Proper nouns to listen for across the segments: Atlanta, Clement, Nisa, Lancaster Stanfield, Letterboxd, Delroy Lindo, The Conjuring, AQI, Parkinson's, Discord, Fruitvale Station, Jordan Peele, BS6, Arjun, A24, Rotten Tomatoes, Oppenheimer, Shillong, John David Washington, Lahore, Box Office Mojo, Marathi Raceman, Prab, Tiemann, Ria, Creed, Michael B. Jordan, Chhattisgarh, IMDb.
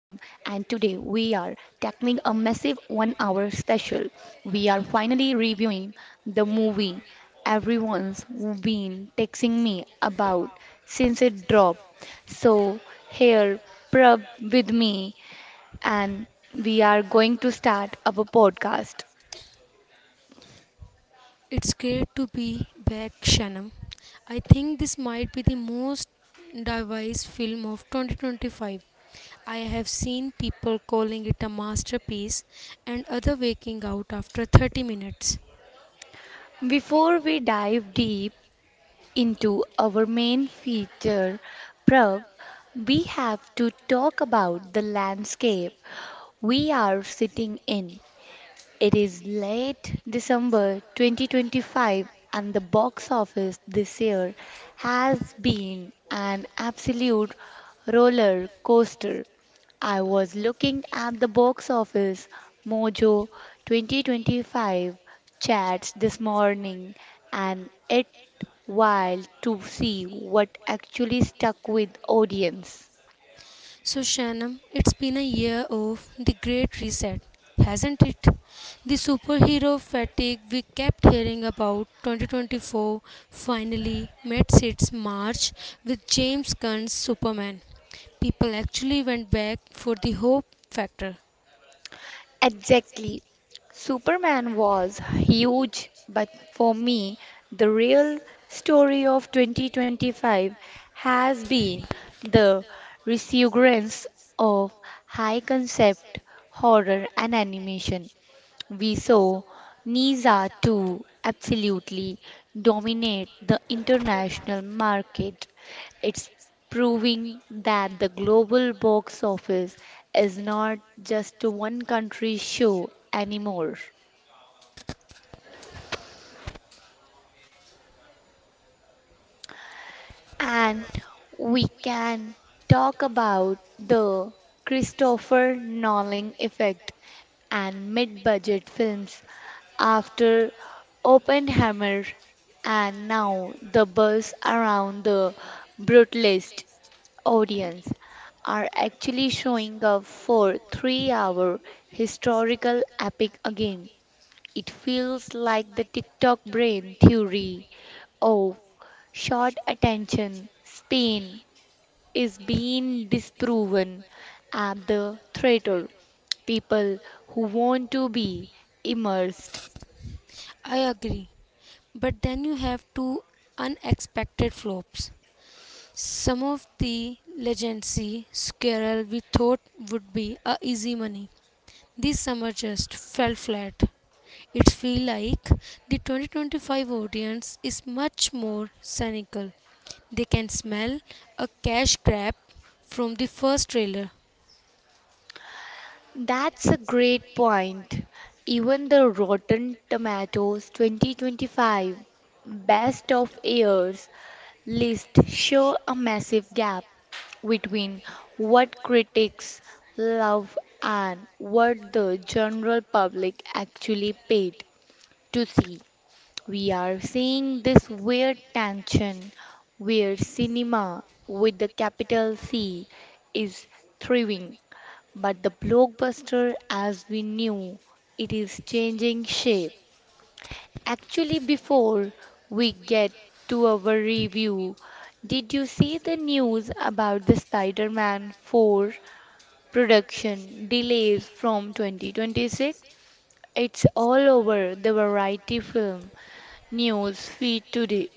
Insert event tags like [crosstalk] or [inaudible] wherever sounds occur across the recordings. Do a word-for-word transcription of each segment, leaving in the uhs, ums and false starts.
tackling a massive one hour special. We are finally reviewing the movie everyone's been texting me about since it dropped. So here Prab with me, and we are going to start our podcast. It's great to be back, Shanam. I think this might be the most diverse film of twenty twenty-five. I have seen people calling it a masterpiece and other waking out after thirty minutes. Before we dive deep into our main feature, Prav, we have to talk about the landscape we are sitting in. It is late December twenty twenty-five, and the box office this year has been an absolute roller coaster. I was looking at the box office Mojo twenty twenty-five chats this morning, and it wild to see what actually stuck with audience. So, Shannon, it's been a year of the Great Reset, hasn't it? The superhero fatigue we kept hearing about twenty twenty-four finally met its march with James Gunn's Superman. People actually went back for the hope factor. Exactly. Superman was huge, but for me, the real story of twenty twenty-five has been the resurgence of high concept horror and animation. We saw Nisa too absolutely dominate the international market. It's proving that the global box office is not just a one country show anymore. And we can talk about the Christopher Nolan effect and mid budget films after Oppenheimer, and now the buzz around the brutalist audience are actually showing up for three hour historical epic again. It feels like the TikTok brain theory of short attention span is being disproven at the theater. People who want to be immersed. I agree. But then you have two unexpected flops. Some of the legacy squirrel we thought would be a easy money. This summer just fell flat. It feels like the twenty twenty-five audience is much more cynical. They can smell a cash grab from the first trailer. That's a great point. Even the Rotten Tomatoes twenty twenty-five Best of Years list show a massive gap between what critics love and what the general public actually paid to see. We are seeing this weird tension where cinema with the capital C is thriving, but the blockbuster as we knew it is changing shape. Actually, before we get to our review, did you see the news about the Spider Man four production delays from twenty twenty-six? It's all over the variety film news feed today.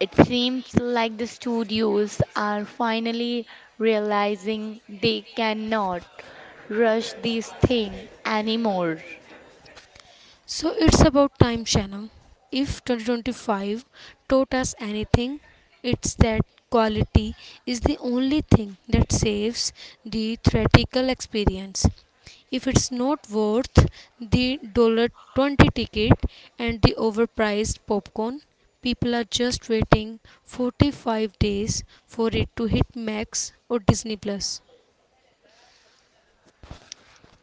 It seems like the studios are finally realizing they cannot rush these things anymore. So it's about time, Shannon. If twenty twenty-five taught us anything, it's that quality is the only thing that saves the theatrical experience. If it's not worth the dollar twenty ticket and the overpriced popcorn, people are just waiting forty-five days for it to hit Max or Disney Plus.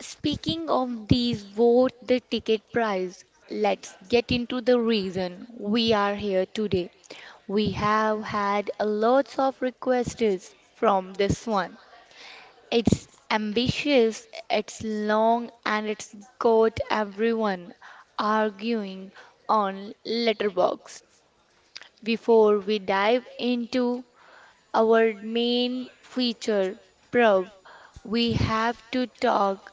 Speaking of these vote the ticket price, let's get into the reason we are here today. We have had a lots of requests from this one. It's ambitious, it's long, and it's got everyone arguing on Letterboxd. Before we dive into our main feature, Prav, we have to talk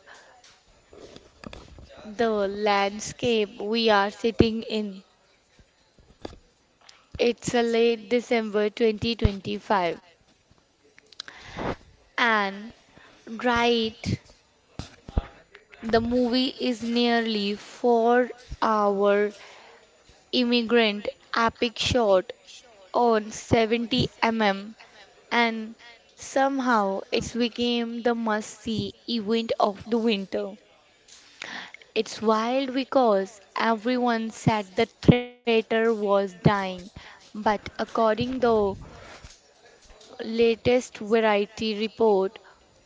the landscape we are sitting in. It's a late December twenty twenty-five, and right. The movie is nearly four hour Immigrant epic shot on seventy millimeter, and somehow it's became the must-see event of the winter. It's wild because everyone said the theater was dying, but according the latest variety report,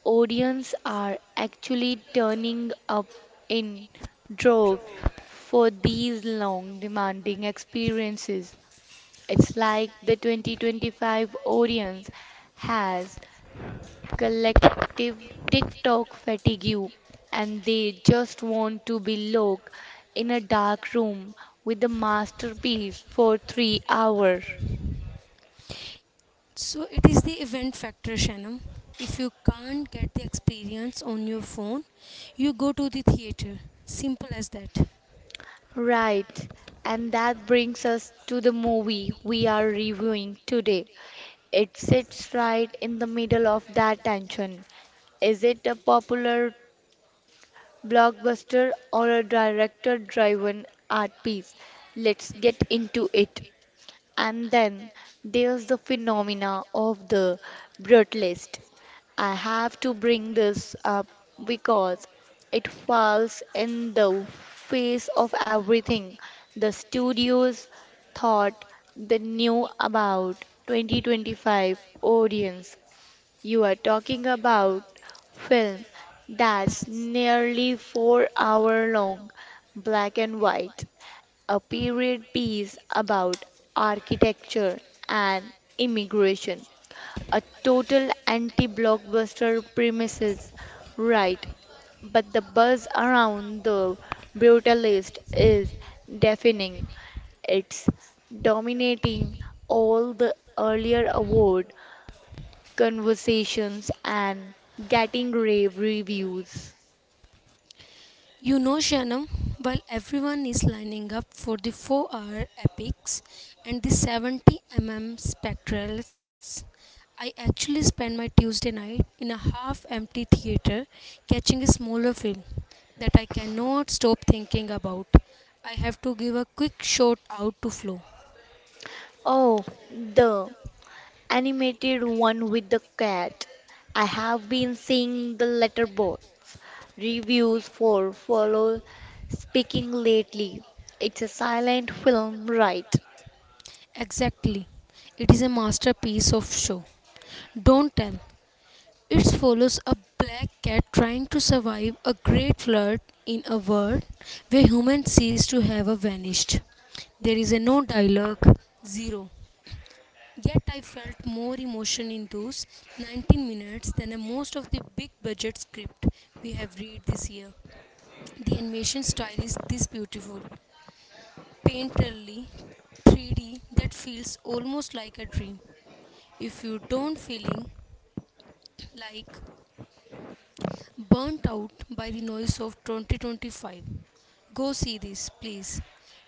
audience are actually turning up in droves for these long demanding experiences. It's like the twenty twenty-five audience has collective TikTok fatigue, and they just want to be locked in a dark room with a masterpiece for three hours. So it is the event factor, Shannon. If you can't get the experience on your phone, you go to the theater. Simple as that. Right, and that brings us to the movie we are reviewing today. It sits right in the middle of that tension. Is it a popular blockbuster or a director-driven art piece? Let's get into it. And then there's the phenomena of the brutalist. I have to bring this up because it falls in the face of everything the studios thought they knew about twenty twenty-five audience. You are talking about film that's nearly four hour long, black and white, a period piece about architecture and immigration. A total anti-blockbuster premises, right? But the buzz around the brutalist is deafening. It's dominating all the earlier award conversations, and getting rave reviews. You know, Shannon, while everyone is lining up for the four hour epics and the seventy millimeter spectrals, I actually spend my Tuesday night in a half empty theater catching a smaller film that I cannot stop thinking about. I have to give a quick shout out to Flo. Oh, the animated one with the cat. I have been seeing the letterbox reviews for Follow Speaking lately. It's a silent film, right? Exactly. It is a masterpiece of show. Don't tell. It follows a black cat trying to survive a great flood in a world where humans cease to have a vanished. There is a no dialogue, zero. Yet I felt more emotion in those nineteen minutes than in most of the big budget script we have read this year. The animation style is this beautiful, painterly, three D that feels almost like a dream. If you don't feeling like burnt out by the noise of twenty twenty-five, go see this, please.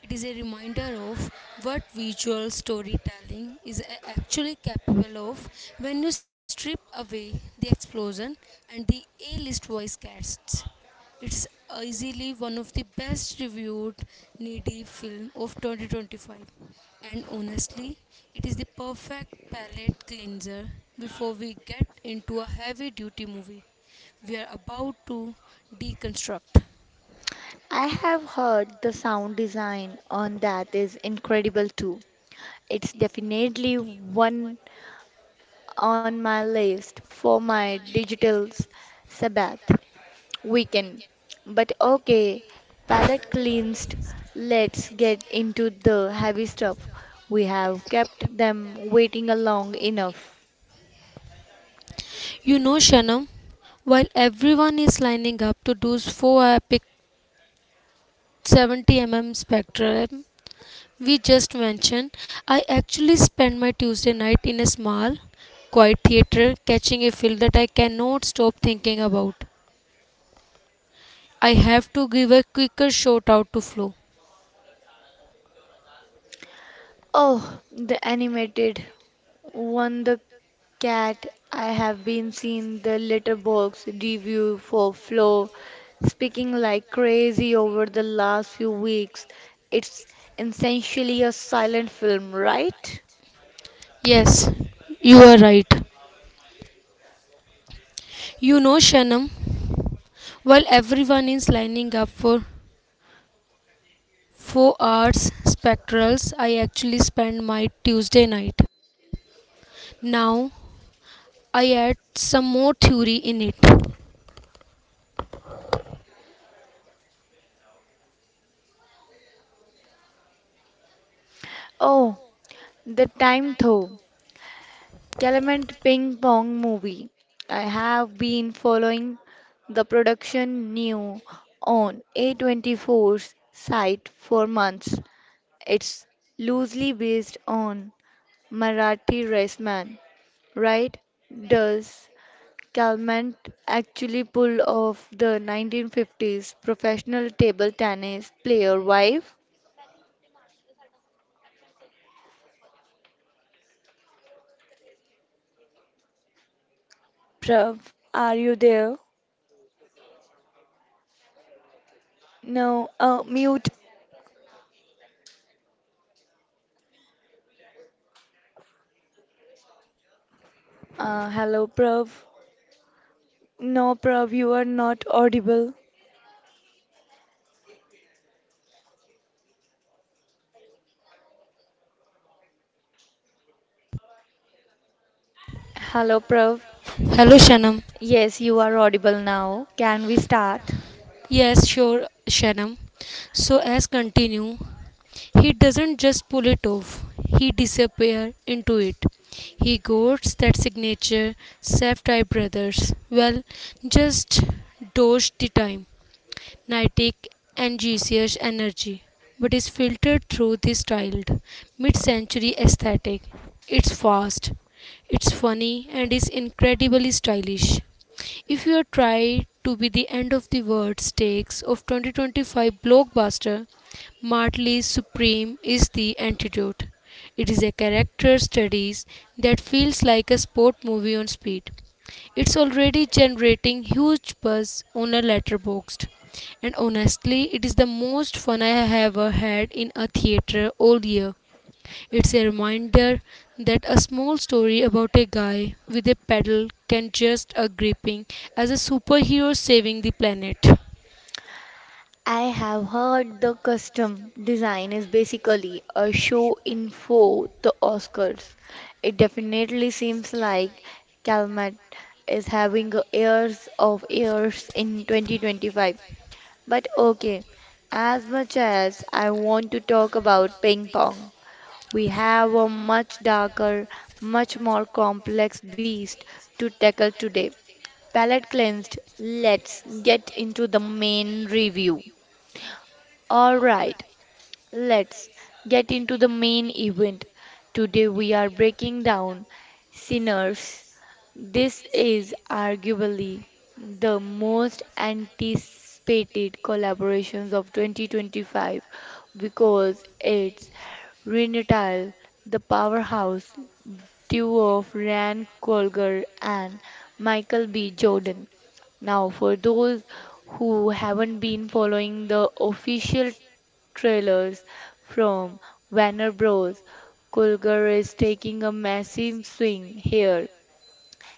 It is a reminder of what visual storytelling is a- actually capable of when you strip away the explosion and the A list voice casts. It's easily one of the best reviewed needy film of twenty twenty-five, and honestly it is the perfect palate cleanser before we get into a heavy duty movie we are about to deconstruct. I have heard the sound design on that is incredible too. It's definitely one on my list for my digital sabbath. We— but okay, palette cleansed. Let's get into the heavy stuff. We have kept them waiting long enough. You know, Shanam, while everyone is lining up to those four epic seventy millimeter spectrum we just mentioned, I actually spend my Tuesday night in a small, quiet theater catching a film that I cannot stop thinking about. I have to give a quicker shout out to Flo. Oh, the animated one, the cat. I have been seeing the letterbox review for Flo speaking like crazy over the last few weeks. It's essentially a silent film, right? Yes, you are right. You know, Shanam, while everyone is lining up for four hours spectrals, I actually spend my Tuesday night. Now I add some more theory in it. Oh, the time though. Clement Ping Pong movie. I have been following the production new on A twenty-four's site for months. It's loosely based on Marathi Raceman, right? Does Clement actually pull off the nineteen fifties professional table tennis player wife? Prav, are you there? No, uh, mute. Uh, hello, Prav. No, Prav, you are not audible. Hello, Prav. Yes, you are audible now. Can we start? I have heard the custom design is basically a show in for the Oscars. It definitely seems like Calmat is having a years of years in twenty twenty-five. But okay, as much as I want to talk about ping pong, we have a much darker, much more complex beast to tackle today. Palette cleansed, let's get into the main review. Alright, let's get into the main event. Today we are breaking down Sinners. This is arguably the most anticipated collaborations of twenty twenty-five because it's Renatile, the powerhouse duo of Rand Colger and Michael B. Jordan. Now, for those who haven't been following the official trailers from Warner Bros., Culver is taking a massive swing here.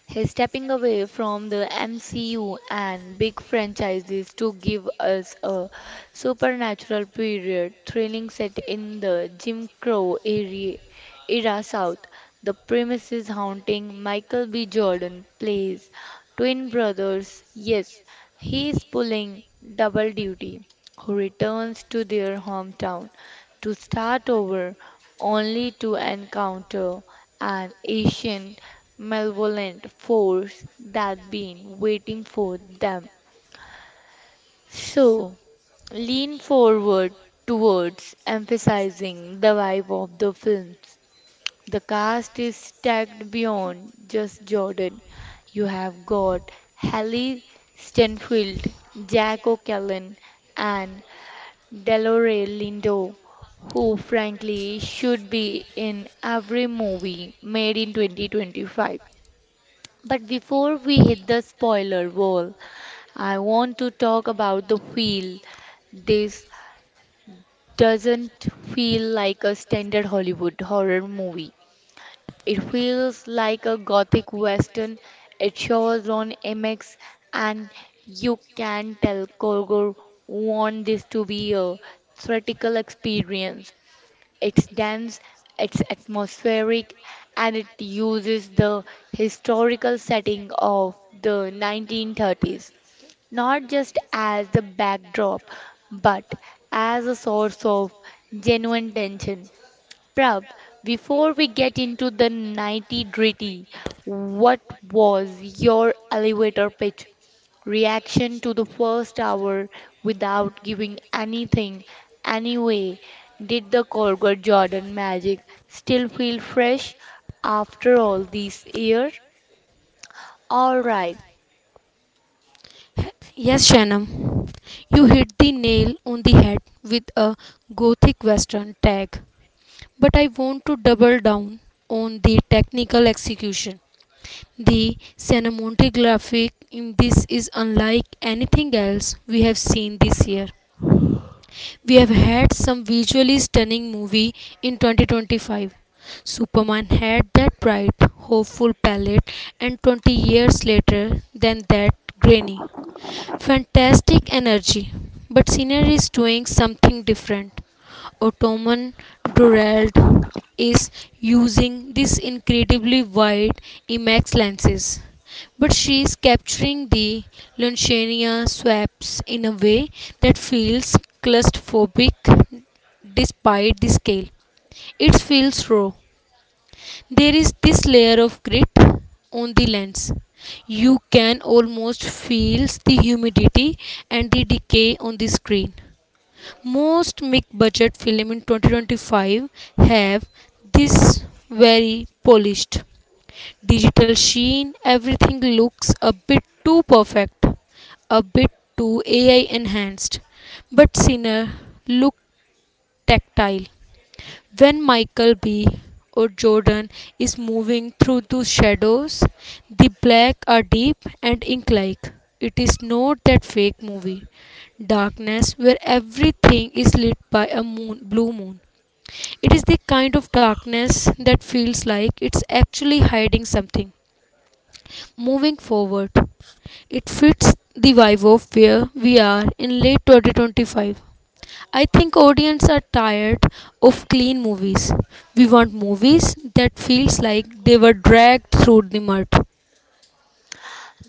He's stepping away from the M C U and big franchises to give us a supernatural period thrilling set in the Jim Crow era, era South. The premises haunting. Michael B. Jordan plays twin brothers. Yes, he is pulling double duty, who returns to their hometown to start over only to encounter an ancient malevolent force that been waiting for them. So lean forward towards emphasizing the vibe of the films. The cast is stacked beyond just Jordan. You have got Hallie Stenfield, Jack O'Callaghan, and Delroy Lindo, who frankly should be in every movie made in twenty twenty-five. But before we hit the spoiler wall, I want to talk about the feel. This doesn't feel like a standard Hollywood horror movie. It feels like a gothic western. It shows on M X, and you can tell Korgor want this to be a theatrical experience. It's dense, it's atmospheric, and it uses the historical setting of the nineteen thirties not just as the backdrop but as a source of genuine tension. Prab, before we get into the nitty gritty, what was your elevator pitch reaction to the first hour without giving anything anyway? Did the Colgate Jordan magic still feel fresh after all these years? All right.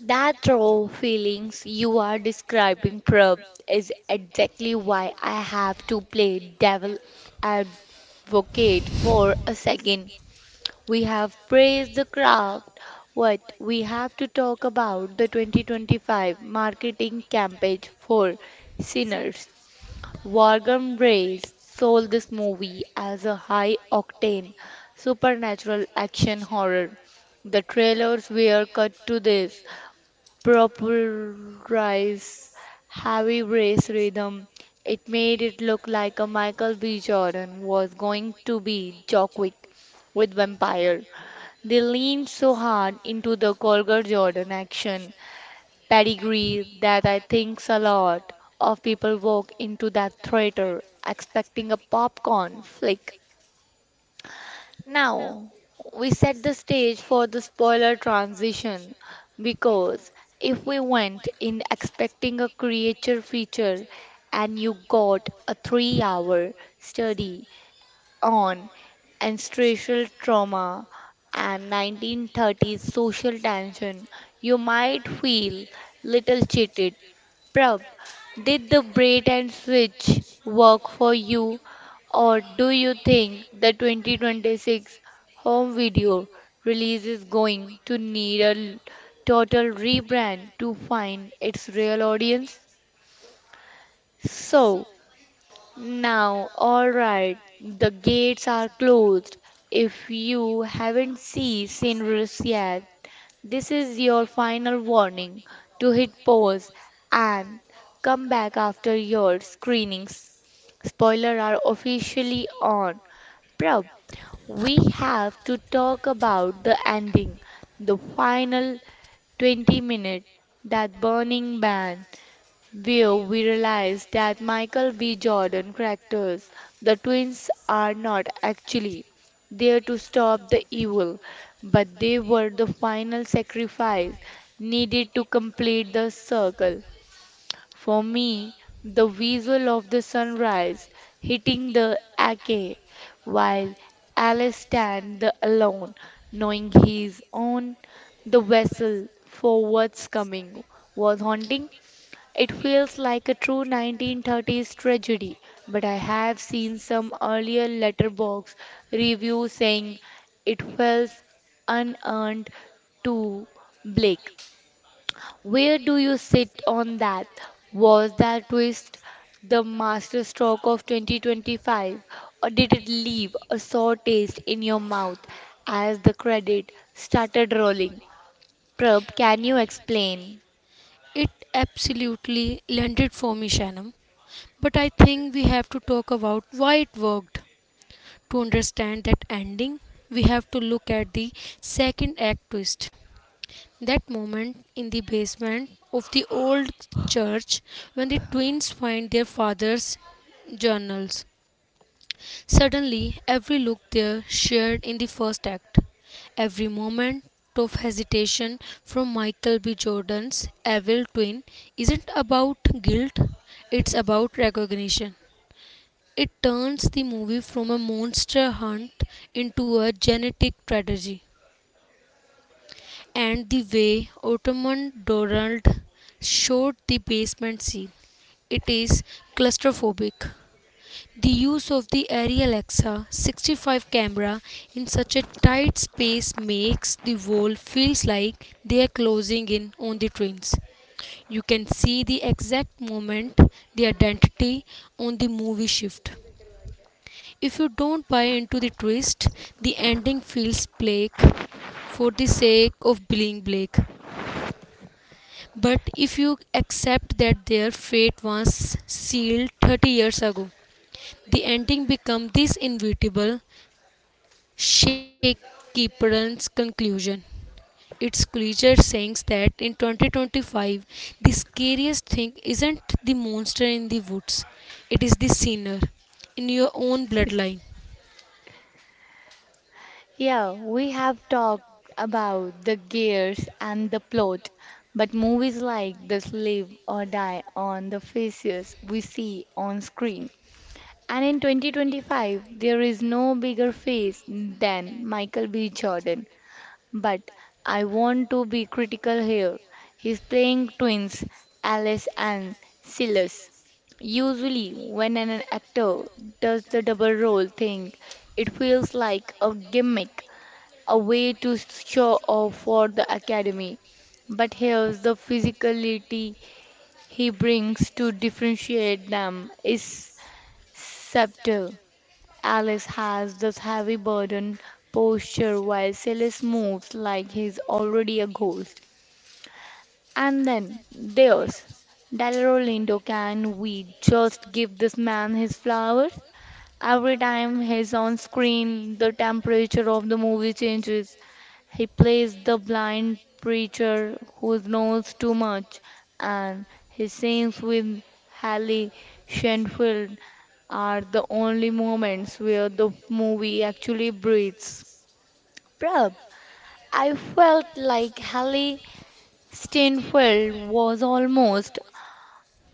That raw feelings you are describing, Prab, is exactly why I have to play devil advocate for a second. We have praised the craft. What we have to talk about the twenty twenty-five marketing campaign for sinners. Warren Brace sold this movie as a high octane supernatural action horror. The trailers were cut to this proprietorize heavy race rhythm. It made it look like a Michael B. Jordan was going to be Jockwick with Vampire. They leaned so hard into the Colger Jordan action pedigree that I thinks a lot of people walk into that theater expecting a popcorn flick. Now, we set the stage for the spoiler transition, because if we went in expecting a creature feature and you got a three hour study on ancestral trauma and nineteen thirties social tension, you might feel little cheated. Prab, did the braid and switch work for you, or do you think the twenty twenty-six home video release is going to need a l- total rebrand to find its real audience? So, now, alright, the gates are closed. If you haven't seen Cindrus yet, this is your final warning to hit pause and come back after your screenings. Spoilers are officially on. Prab, we have to talk about the ending, the final twenty minutes, that burning man where we realized that Michael B. Jordan characters, the twins, are not actually there to stop the evil, but they were the final sacrifice needed to complete the circle. For me, the visual of the sunrise hitting the ake while Alice stands the alone, knowing he is on the vessel for what's coming, was haunting. It feels like a true nineteen thirties tragedy, but I have seen some earlier letterbox reviews saying it feels unearned to Blake. Where do you sit on that? Was that twist the masterstroke of twenty twenty-five, or did it leave a sour taste in your mouth as the credit started rolling? Prab, can you explain? Yeah, we have talked about the gears and the plot, but movies like this live or die on the faces we see on screen. And in twenty twenty-five, there is no bigger face than Michael B. Jordan. But I want to be critical here. He's playing twins, Alice and Silas. Usually, when an actor does the double role thing, it feels like a gimmick, a way to show off for the academy. But here's the physicality he brings to differentiate them is subtle. Alice has this heavy burden posture while Silas moves like he's already a ghost. And then there's Dalero Lindo. Can we just give this man his flowers? Every time he's on screen, the temperature of the movie changes. He plays the blind preacher who knows too much, and his scenes with Halle Shenfield are the only moments where the movie actually breathes. Prab, I felt like Halle Stainfield was almost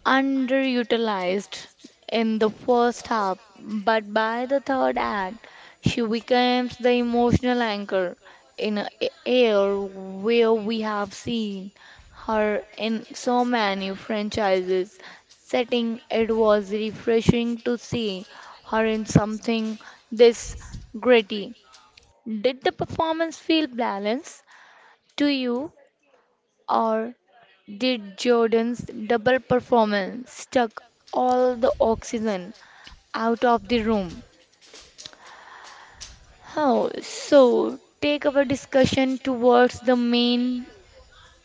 underutilized in the first half, but by the third act, she becomes the emotional anchor in an air where we have seen her in so many franchises setting. It was refreshing to see her in something this gritty. Did the performance feel balanced to you? Or did Jordan's double performance suck all the oxygen out of the room? Oh, so take our discussion towards the main,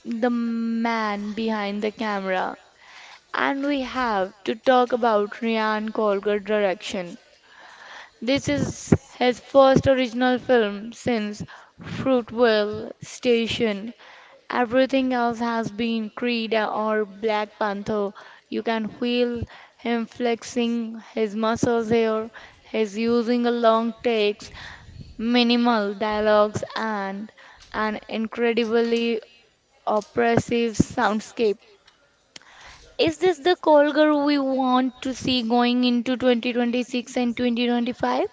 the man behind the camera. And we have to talk about Ryan Coogler's direction. This is his first original film since Fruitvale Station. Everything else has been Creed or Black Panther. You can feel him flexing his muscles here. He's using a long takes, minimal dialogues, and an incredibly oppressive soundscape. Is this the Colgar we want to see going into twenty twenty-six and twenty twenty-five?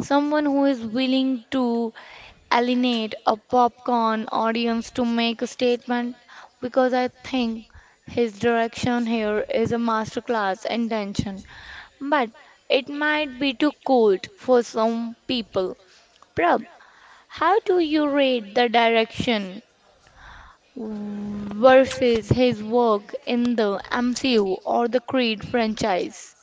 Someone who is willing to alienate a popcorn audience to make a statement, because I think his direction here is a masterclass in tension, but it might be too cold for some people. Prab, how do you rate the direction versus his work in the M C U or the Creed franchise?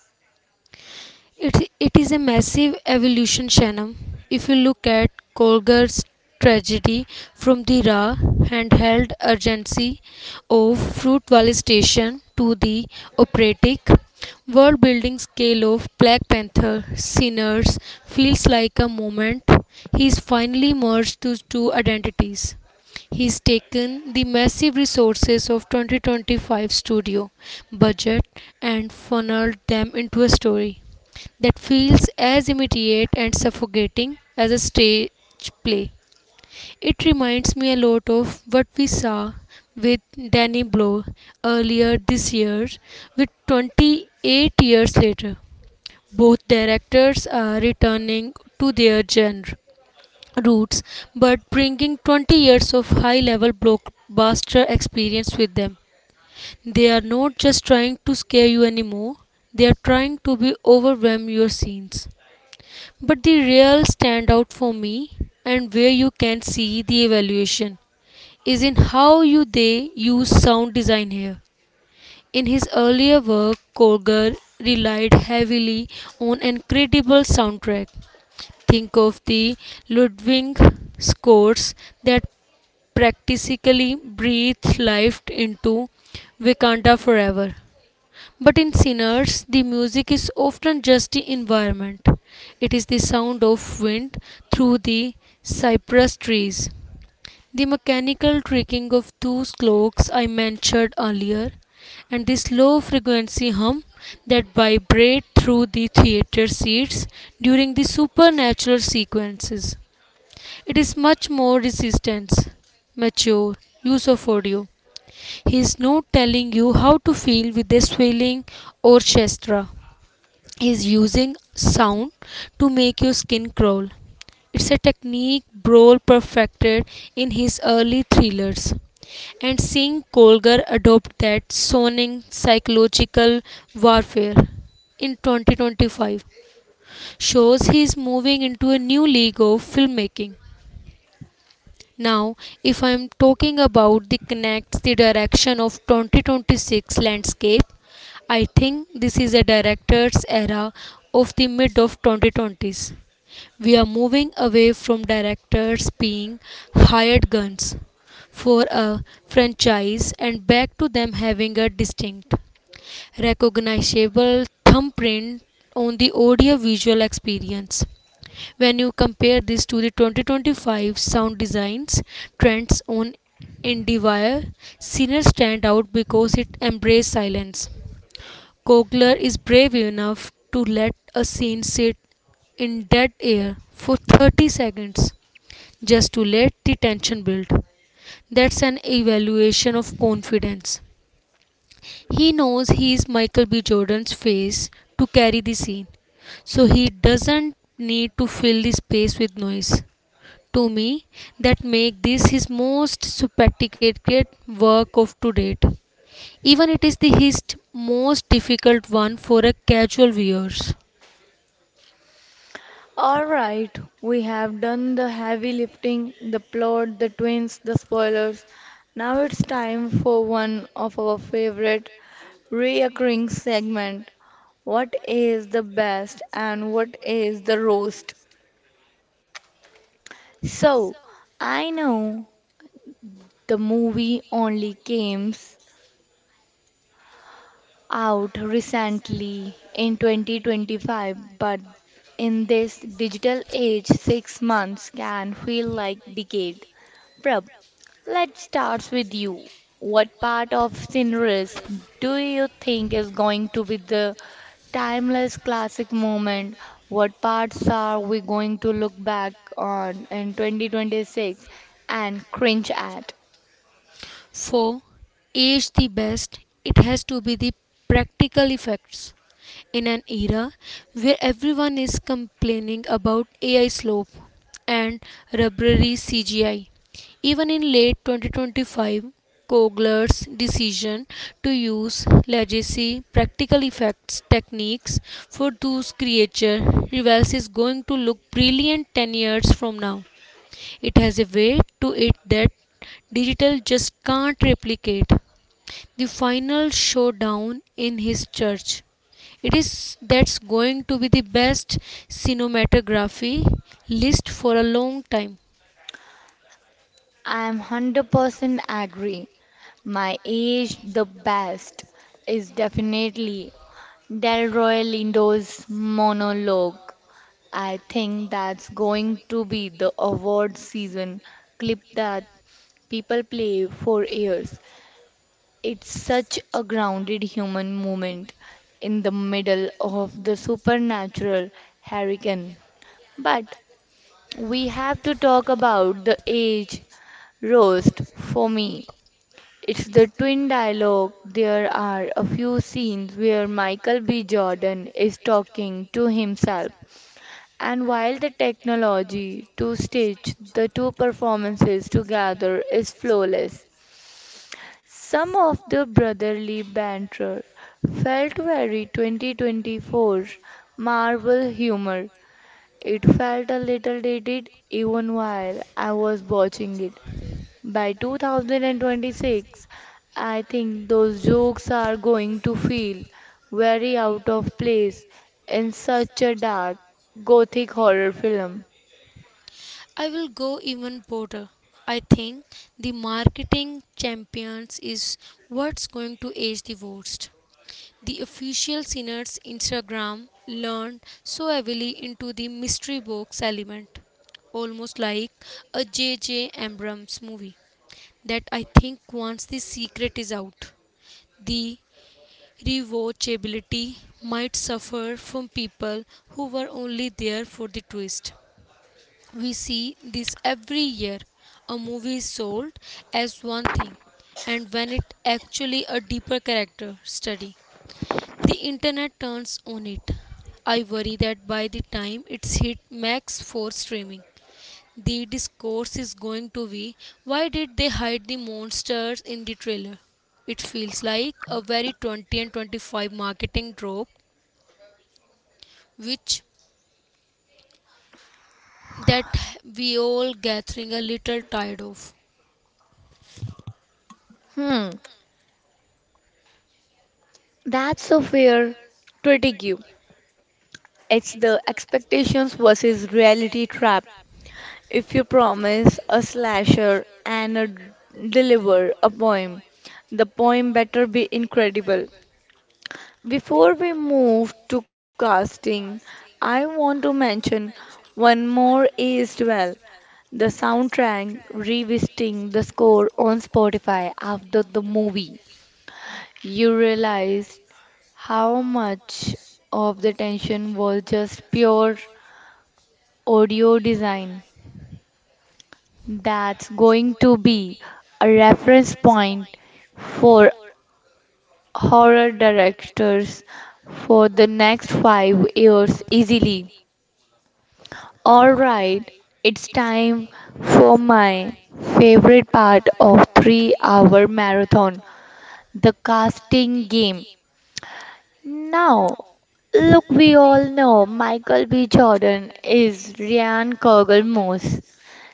All right, we have done the heavy lifting, the plot, the twins, the spoilers. Now it's time for one of our favorite reoccurring segment. What is the best and what is the roast? So, I know the movie only came out recently in twenty twenty-five, but in this digital age, six months can feel like decade. Prab, let's start with you. What part of Cinderella do you think is going to be the timeless classic moment? What parts are we going to look back on in twenty twenty-six and cringe at? I'm one hundred percent agree. My age, the best, is definitely Delroy Lindo's monologue. I think that's going to be the award season clip that people play for years. It's such a grounded human moment in the middle of the supernatural hurricane. But we have to talk about the age roast for me. It's the twin dialogue. There are a few scenes where Michael B. Jordan is talking to himself, and while the technology to stitch the two performances together is flawless, some of the brotherly banter felt very twenty twenty-four Marvel humor. It felt a little dated even while I was watching it. By twenty twenty-six, I think those jokes are going to feel very out of place in such a dark, gothic horror film. Hmm, that's a fair critique. It's the expectations versus reality trap. If you promise a slasher and a, deliver a poem, the poem better be incredible. Before we move to casting, I want to mention one more as well. The soundtrack revisiting the score on Spotify after the movie. You realize how much of the tension was just pure audio design. That's going to be a reference point for horror directors for the next five years easily. Alright, it's time for my favorite part of three hour marathon, the casting game. Now, look, we all know Michael B. Jordan is Ryan Kogel Moss.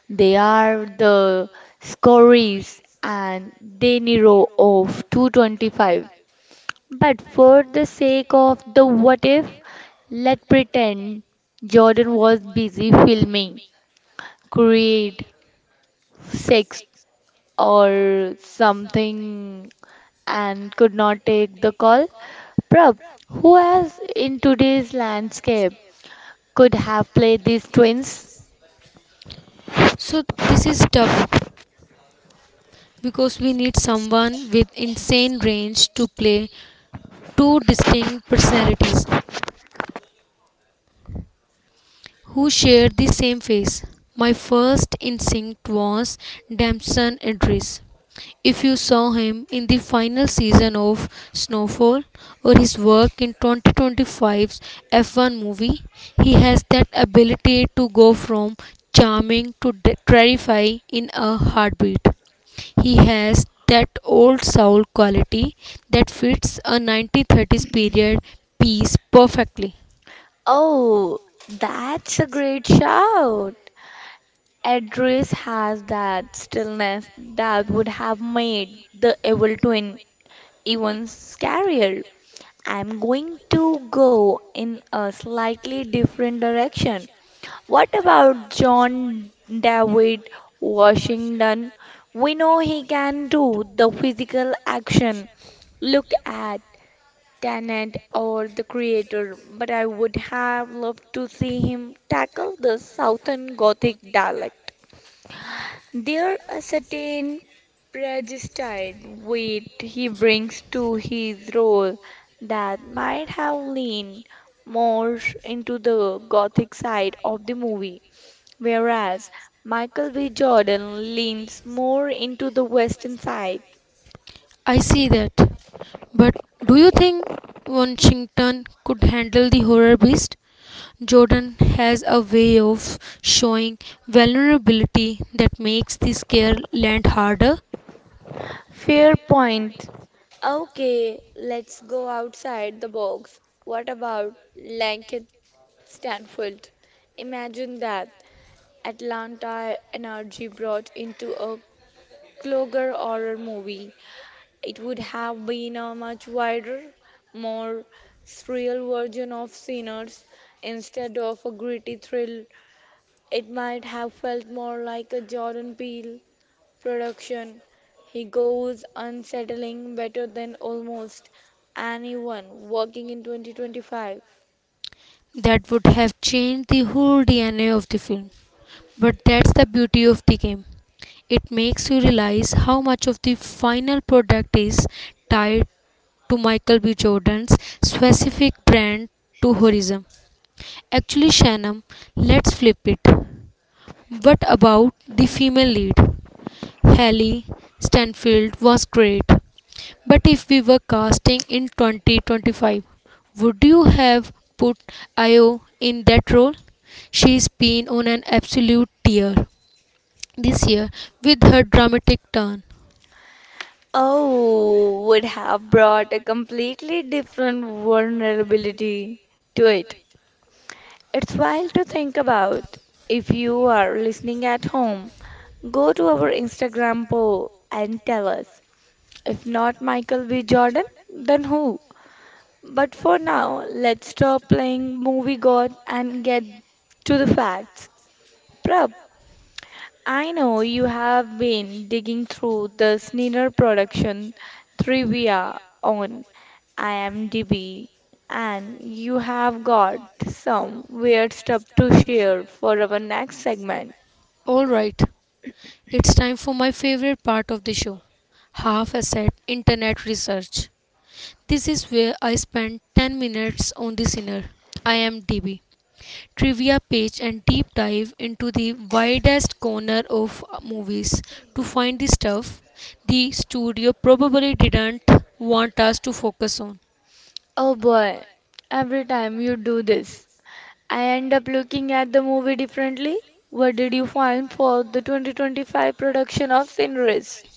They are the Scories and De Niro of two twenty-five. But for the sake of the what if, let's pretend Jordan was busy filming Creed Six or something and could not take the call. Prab, who else in today's landscape could have played these twins? Oh, that's a great shout. Idris has that stillness that would have made the evil twin even scarier. I'm going to go in a slightly different direction. What about John David Washington? We know he can do the physical action. Look at Tenet or the creator, but I would have loved to see him tackle the Southern Gothic dialect. There a certain prejudiced weight he brings to his role that might have leaned more into the gothic side of the movie, whereas Michael B. Jordan leans more into the western side. Fair point. Okay, let's go outside the box. What about Lancaster Stanfield? Imagine that. Atlanta energy brought into a clogger horror movie, it would have been a much wider, more surreal version of Sinners. Instead of a gritty thrill, it might have felt more like a Jordan Peele production. He goes unsettling better than almost anyone working in twenty twenty-five. Oh, would have brought a completely different vulnerability to it. It's wild to think about. If you are listening at home, go to our Instagram poll and tell us. If not Michael B. Jordan, then who? But for now, let's stop playing movie god and get to the facts. Prab, I know you have been digging through the Skinner production trivia on IMDb, and you have got some weird stuff to share for our next segment. Oh boy, every time you do this, I end up looking at the movie differently. What did you find for the twenty twenty-five production of Sinners?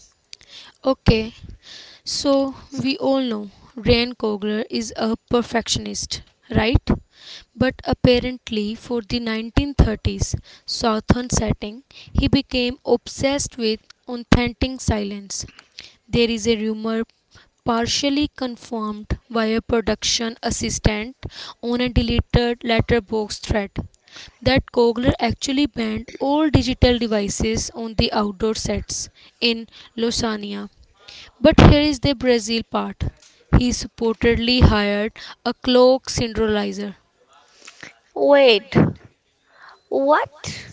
Wait, what?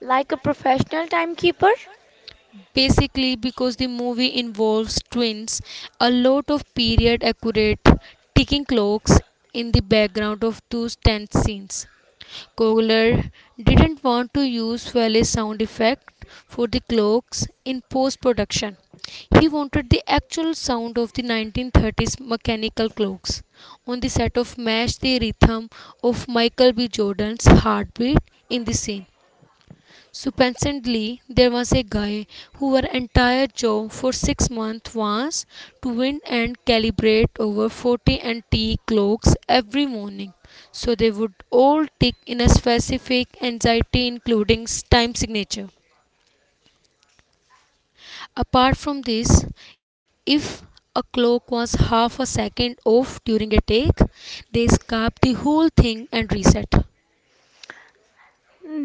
Like a professional timekeeper?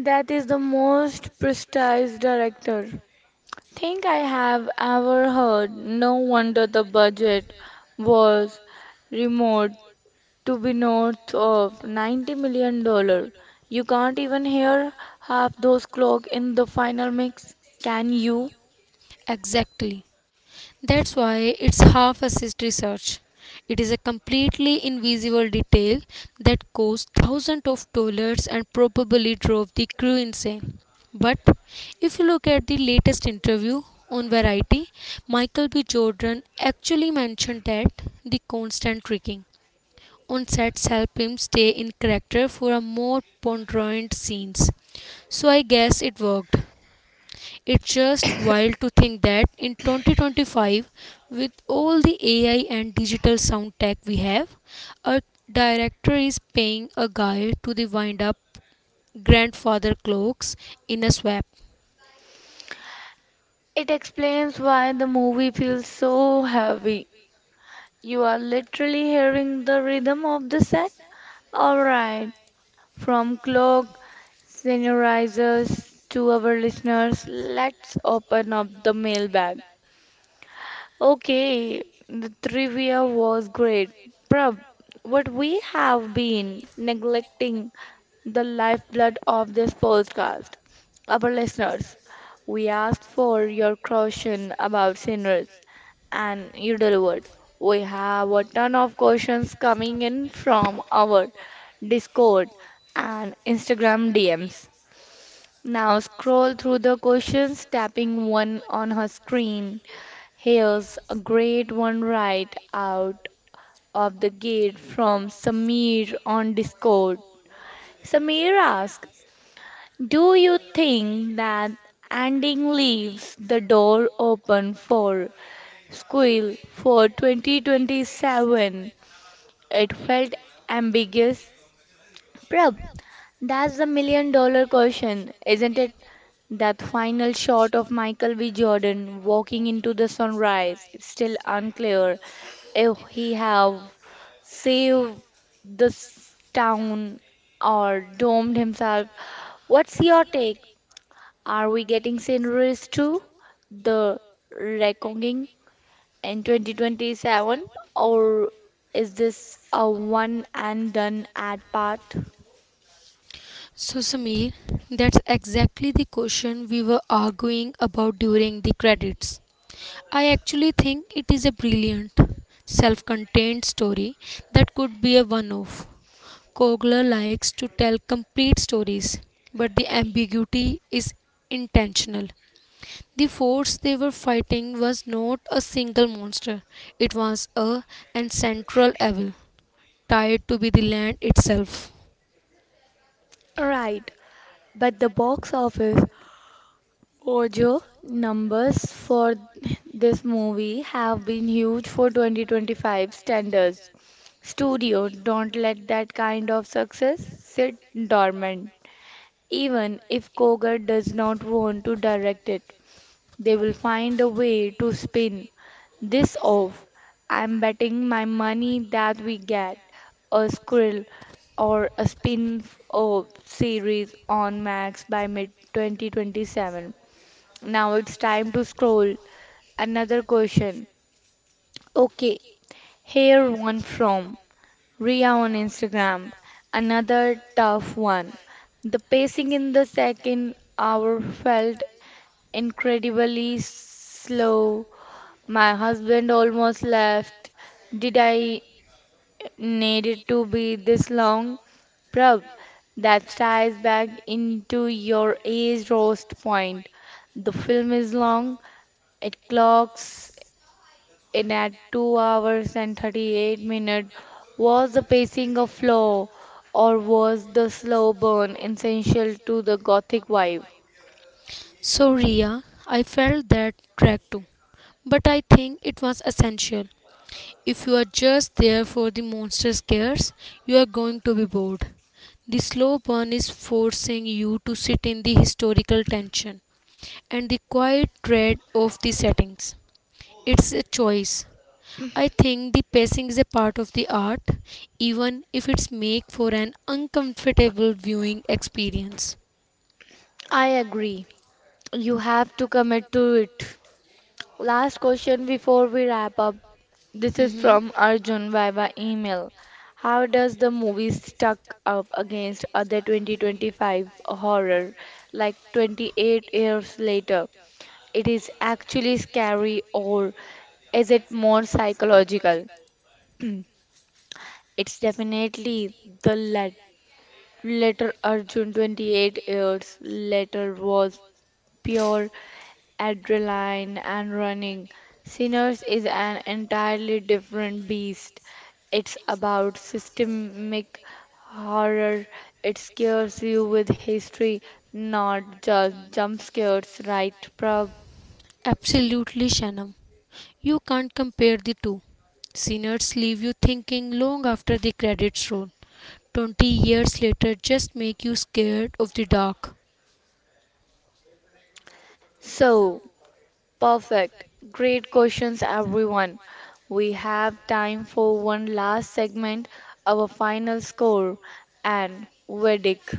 That is the most prestigious director think I have ever heard. No wonder the budget was remote to be north of ninety million dollars. You can't even hear half those clock in the final mix, can you? It explains why the movie feels so heavy. You are literally hearing the rhythm of the set. All right, from clock seniorizers to our listeners, let's open up the mailbag. Okay, the trivia was great. Prab, what we have been neglecting the lifeblood of this podcast, our listeners. We asked for your caution about sinners and you delivered. We have a ton of questions coming in from our Discord and Instagram D Ms. Now scroll through the questions, tapping one on her screen. Here's a great one right out of the gate from Samir on Discord. Samir asks, do you think that ending leaves the door open for Squill for twenty twenty-seven? It felt ambiguous, prob- that's the million dollar question, isn't it? That final shot of Michael B. Jordan walking into the sunrise. It's still unclear if he have saved this town or domed himself. What's your take? Are we getting sceneries to the reckoning in twenty twenty-seven, or is this a one and done ad part? Right. But the box office Ojo numbers for this movie have been huge for twenty twenty-five standards. Studio don't let that kind of success sit dormant, even if Kogar does not want to direct it. They will find a way to spin this off. I'm betting my money that we get a squirrel or a spin-off series on Max by mid-twenty twenty-seven. Now it's time to scroll. Another question. Okay, here one from Ria on Instagram. Another tough one. The pacing in the second hour felt incredibly slow, my husband almost left. Did I need it to be this long? Prab, that ties back into your age roast point. The film is long. It clocks in at two hours and thirty-eight minutes. Was the pacing a flaw or was the slow burn essential to the gothic vibe? I agree. You have to commit to it. Last question before we wrap up. This is from Arjun via email. How does the movie stack up against other twenty twenty-five horror, like twenty-eight years later? It is actually scary, or is it more psychological? It's definitely the lat- latter, Arjun. twenty-eight years later was pure adrenaline and running. Sinners is an entirely different beast. It's about systemic horror. It scares you with history, not just jump scares, right, Prab? So, perfect. Great questions, everyone. We have time for one last segment, our final score and verdict.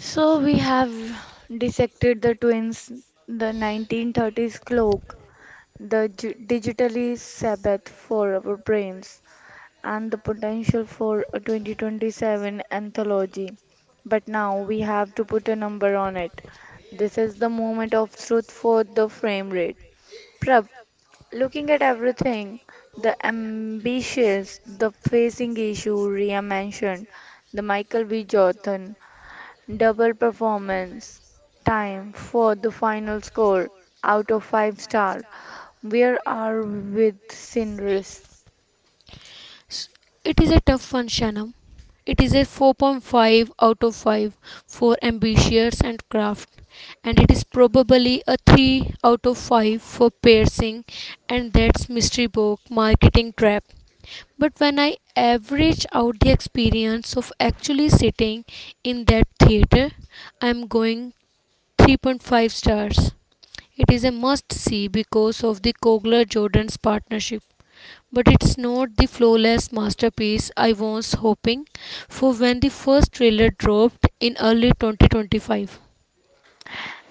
So we have dissected the twins, the nineteen thirties cloak, the gi- digitally Sabbath for our brains, and the potential for a twenty twenty-seven anthology. But now we have to put a number on it. This is the moment of truth for the frame rate. Prab, looking at everything, the ambitious, the facing issue Ria mentioned, the Michael B. Jordan double performance. Time for the final score out of five star. Where are with Cinders?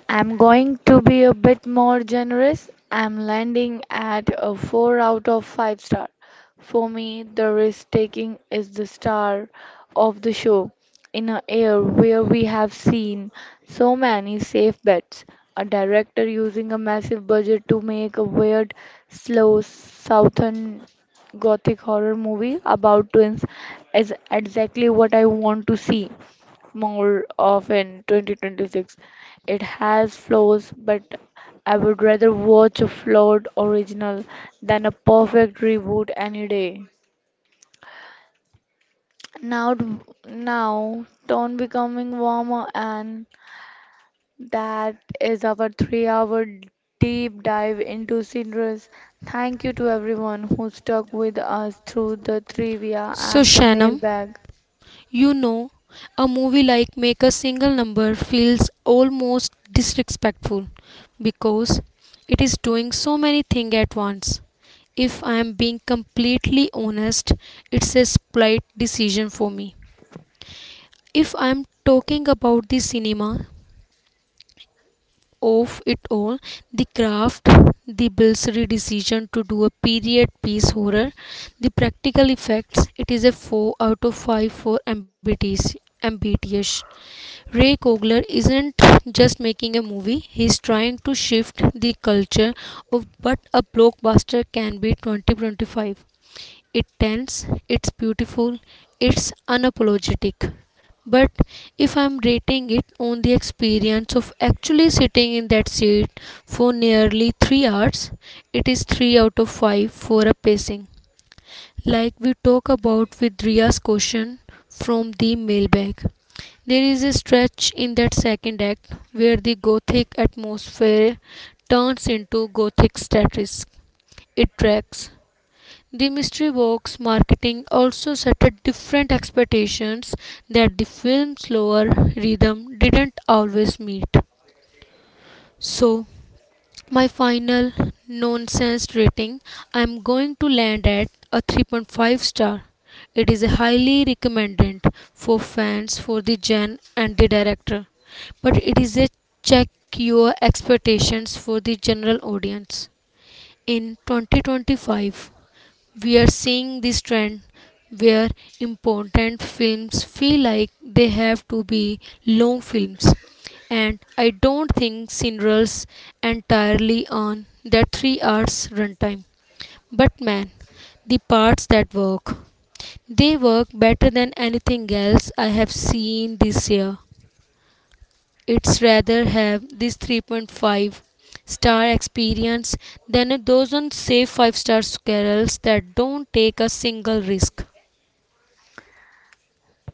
I'm going to be a bit more generous. I'm landing at a four out of five star. For me, the risk taking is the star of the show. In an era where we have seen so many safe bets, a director using a massive budget to make a weird, slow southern gothic horror movie about twins is exactly what I want to see more often, twenty twenty-six. It has flaws, but I would rather watch a flawed original than a perfect reboot any day. Now, now, tone becoming warmer, and that is our three-hour deep dive into Cinderace. Thank you to everyone who stuck with us through the trivia and the mailbag.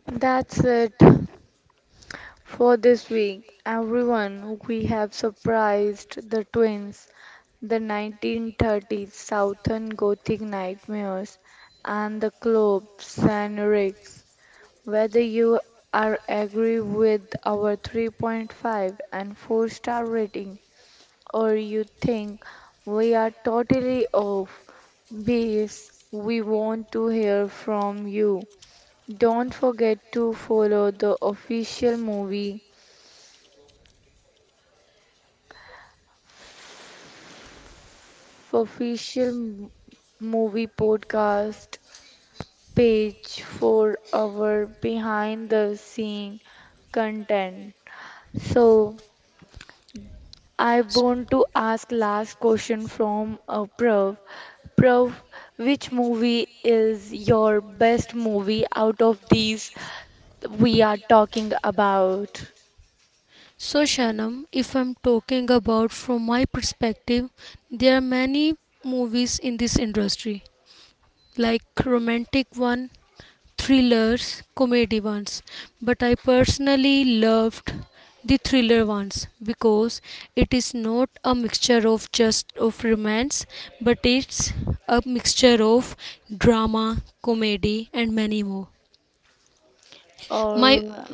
That's it. For this week, everyone, we have surprised the twins, the nineteen thirties Southern Gothic nightmares, and the clubs and rigs. Whether you are agree with our three point five and four star rating, or you think we are totally off base, we want to hear from you. Don't forget to follow the official movie official m- movie podcast page for our behind the scene content. So I want to ask last question from uh, Prav. Prav, which movie is your best movie out of these we are talking about? Or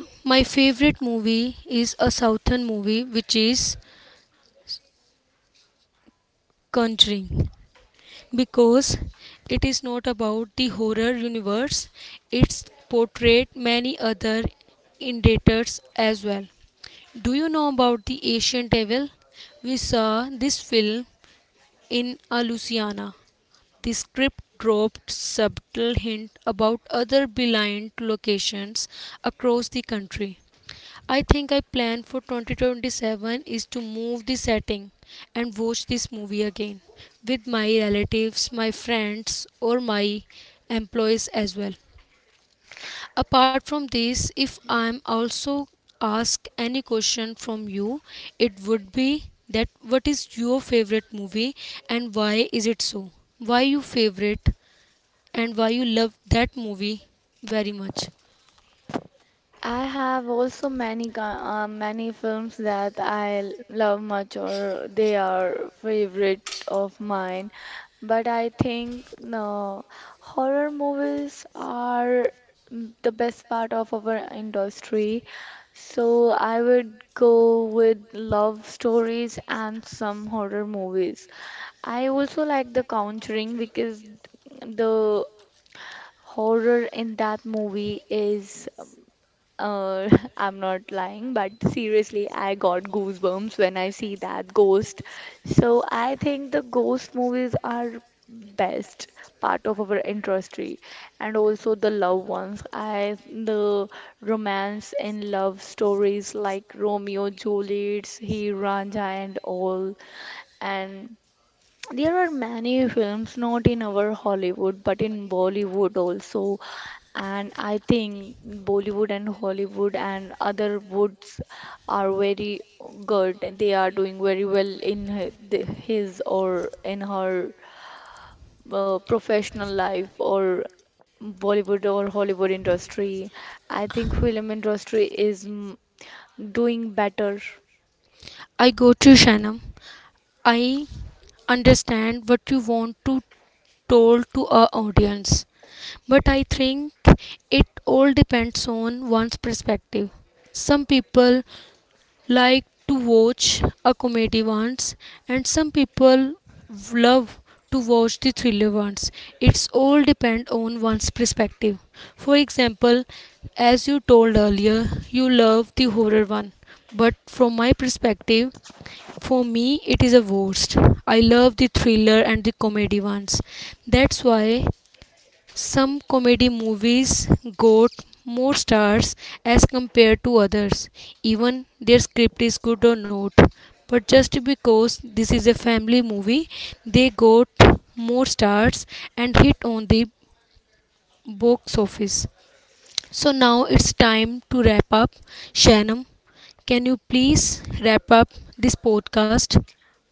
I have also many ca- uh, many films that I l- love much or they are favorite of mine. But I think no, horror movies are mm, the best part of our industry. So I would go with love stories and some horror movies. I also like The Conjuring because the horror in that movie is uh, [laughs] I'm not lying, but seriously, I got goosebumps when I see that ghost. So I think the ghost movies are best part of our industry, and also the love ones. I the romance and love stories like Romeo, Juliet's, He Ranja, and all, and there are many films, not in our Hollywood, but in Bollywood also. And I think Bollywood and Hollywood and other woods are very good. They are doing very well in hi- the- his or in her uh, professional life or Bollywood or Hollywood industry. I think film industry is mm, doing better.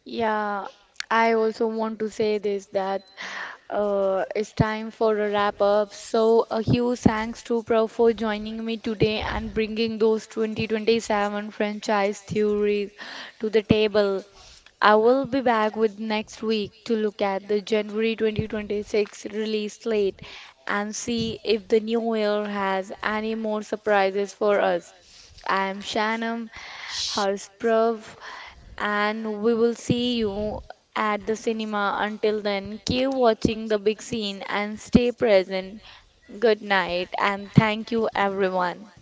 Yeah, I also want to say this that uh, it's time for a wrap up. So, a huge thanks to Prav for joining me today and bringing those twenty twenty-seven franchise theories to the table. I will be back with next week to look at the January twenty twenty-six release slate and see if the new year has any more surprises for us. I am Shanam Harsprav, and we will see you at the cinema. Until then, keep watching the big scene and stay present. Good night and thank you everyone.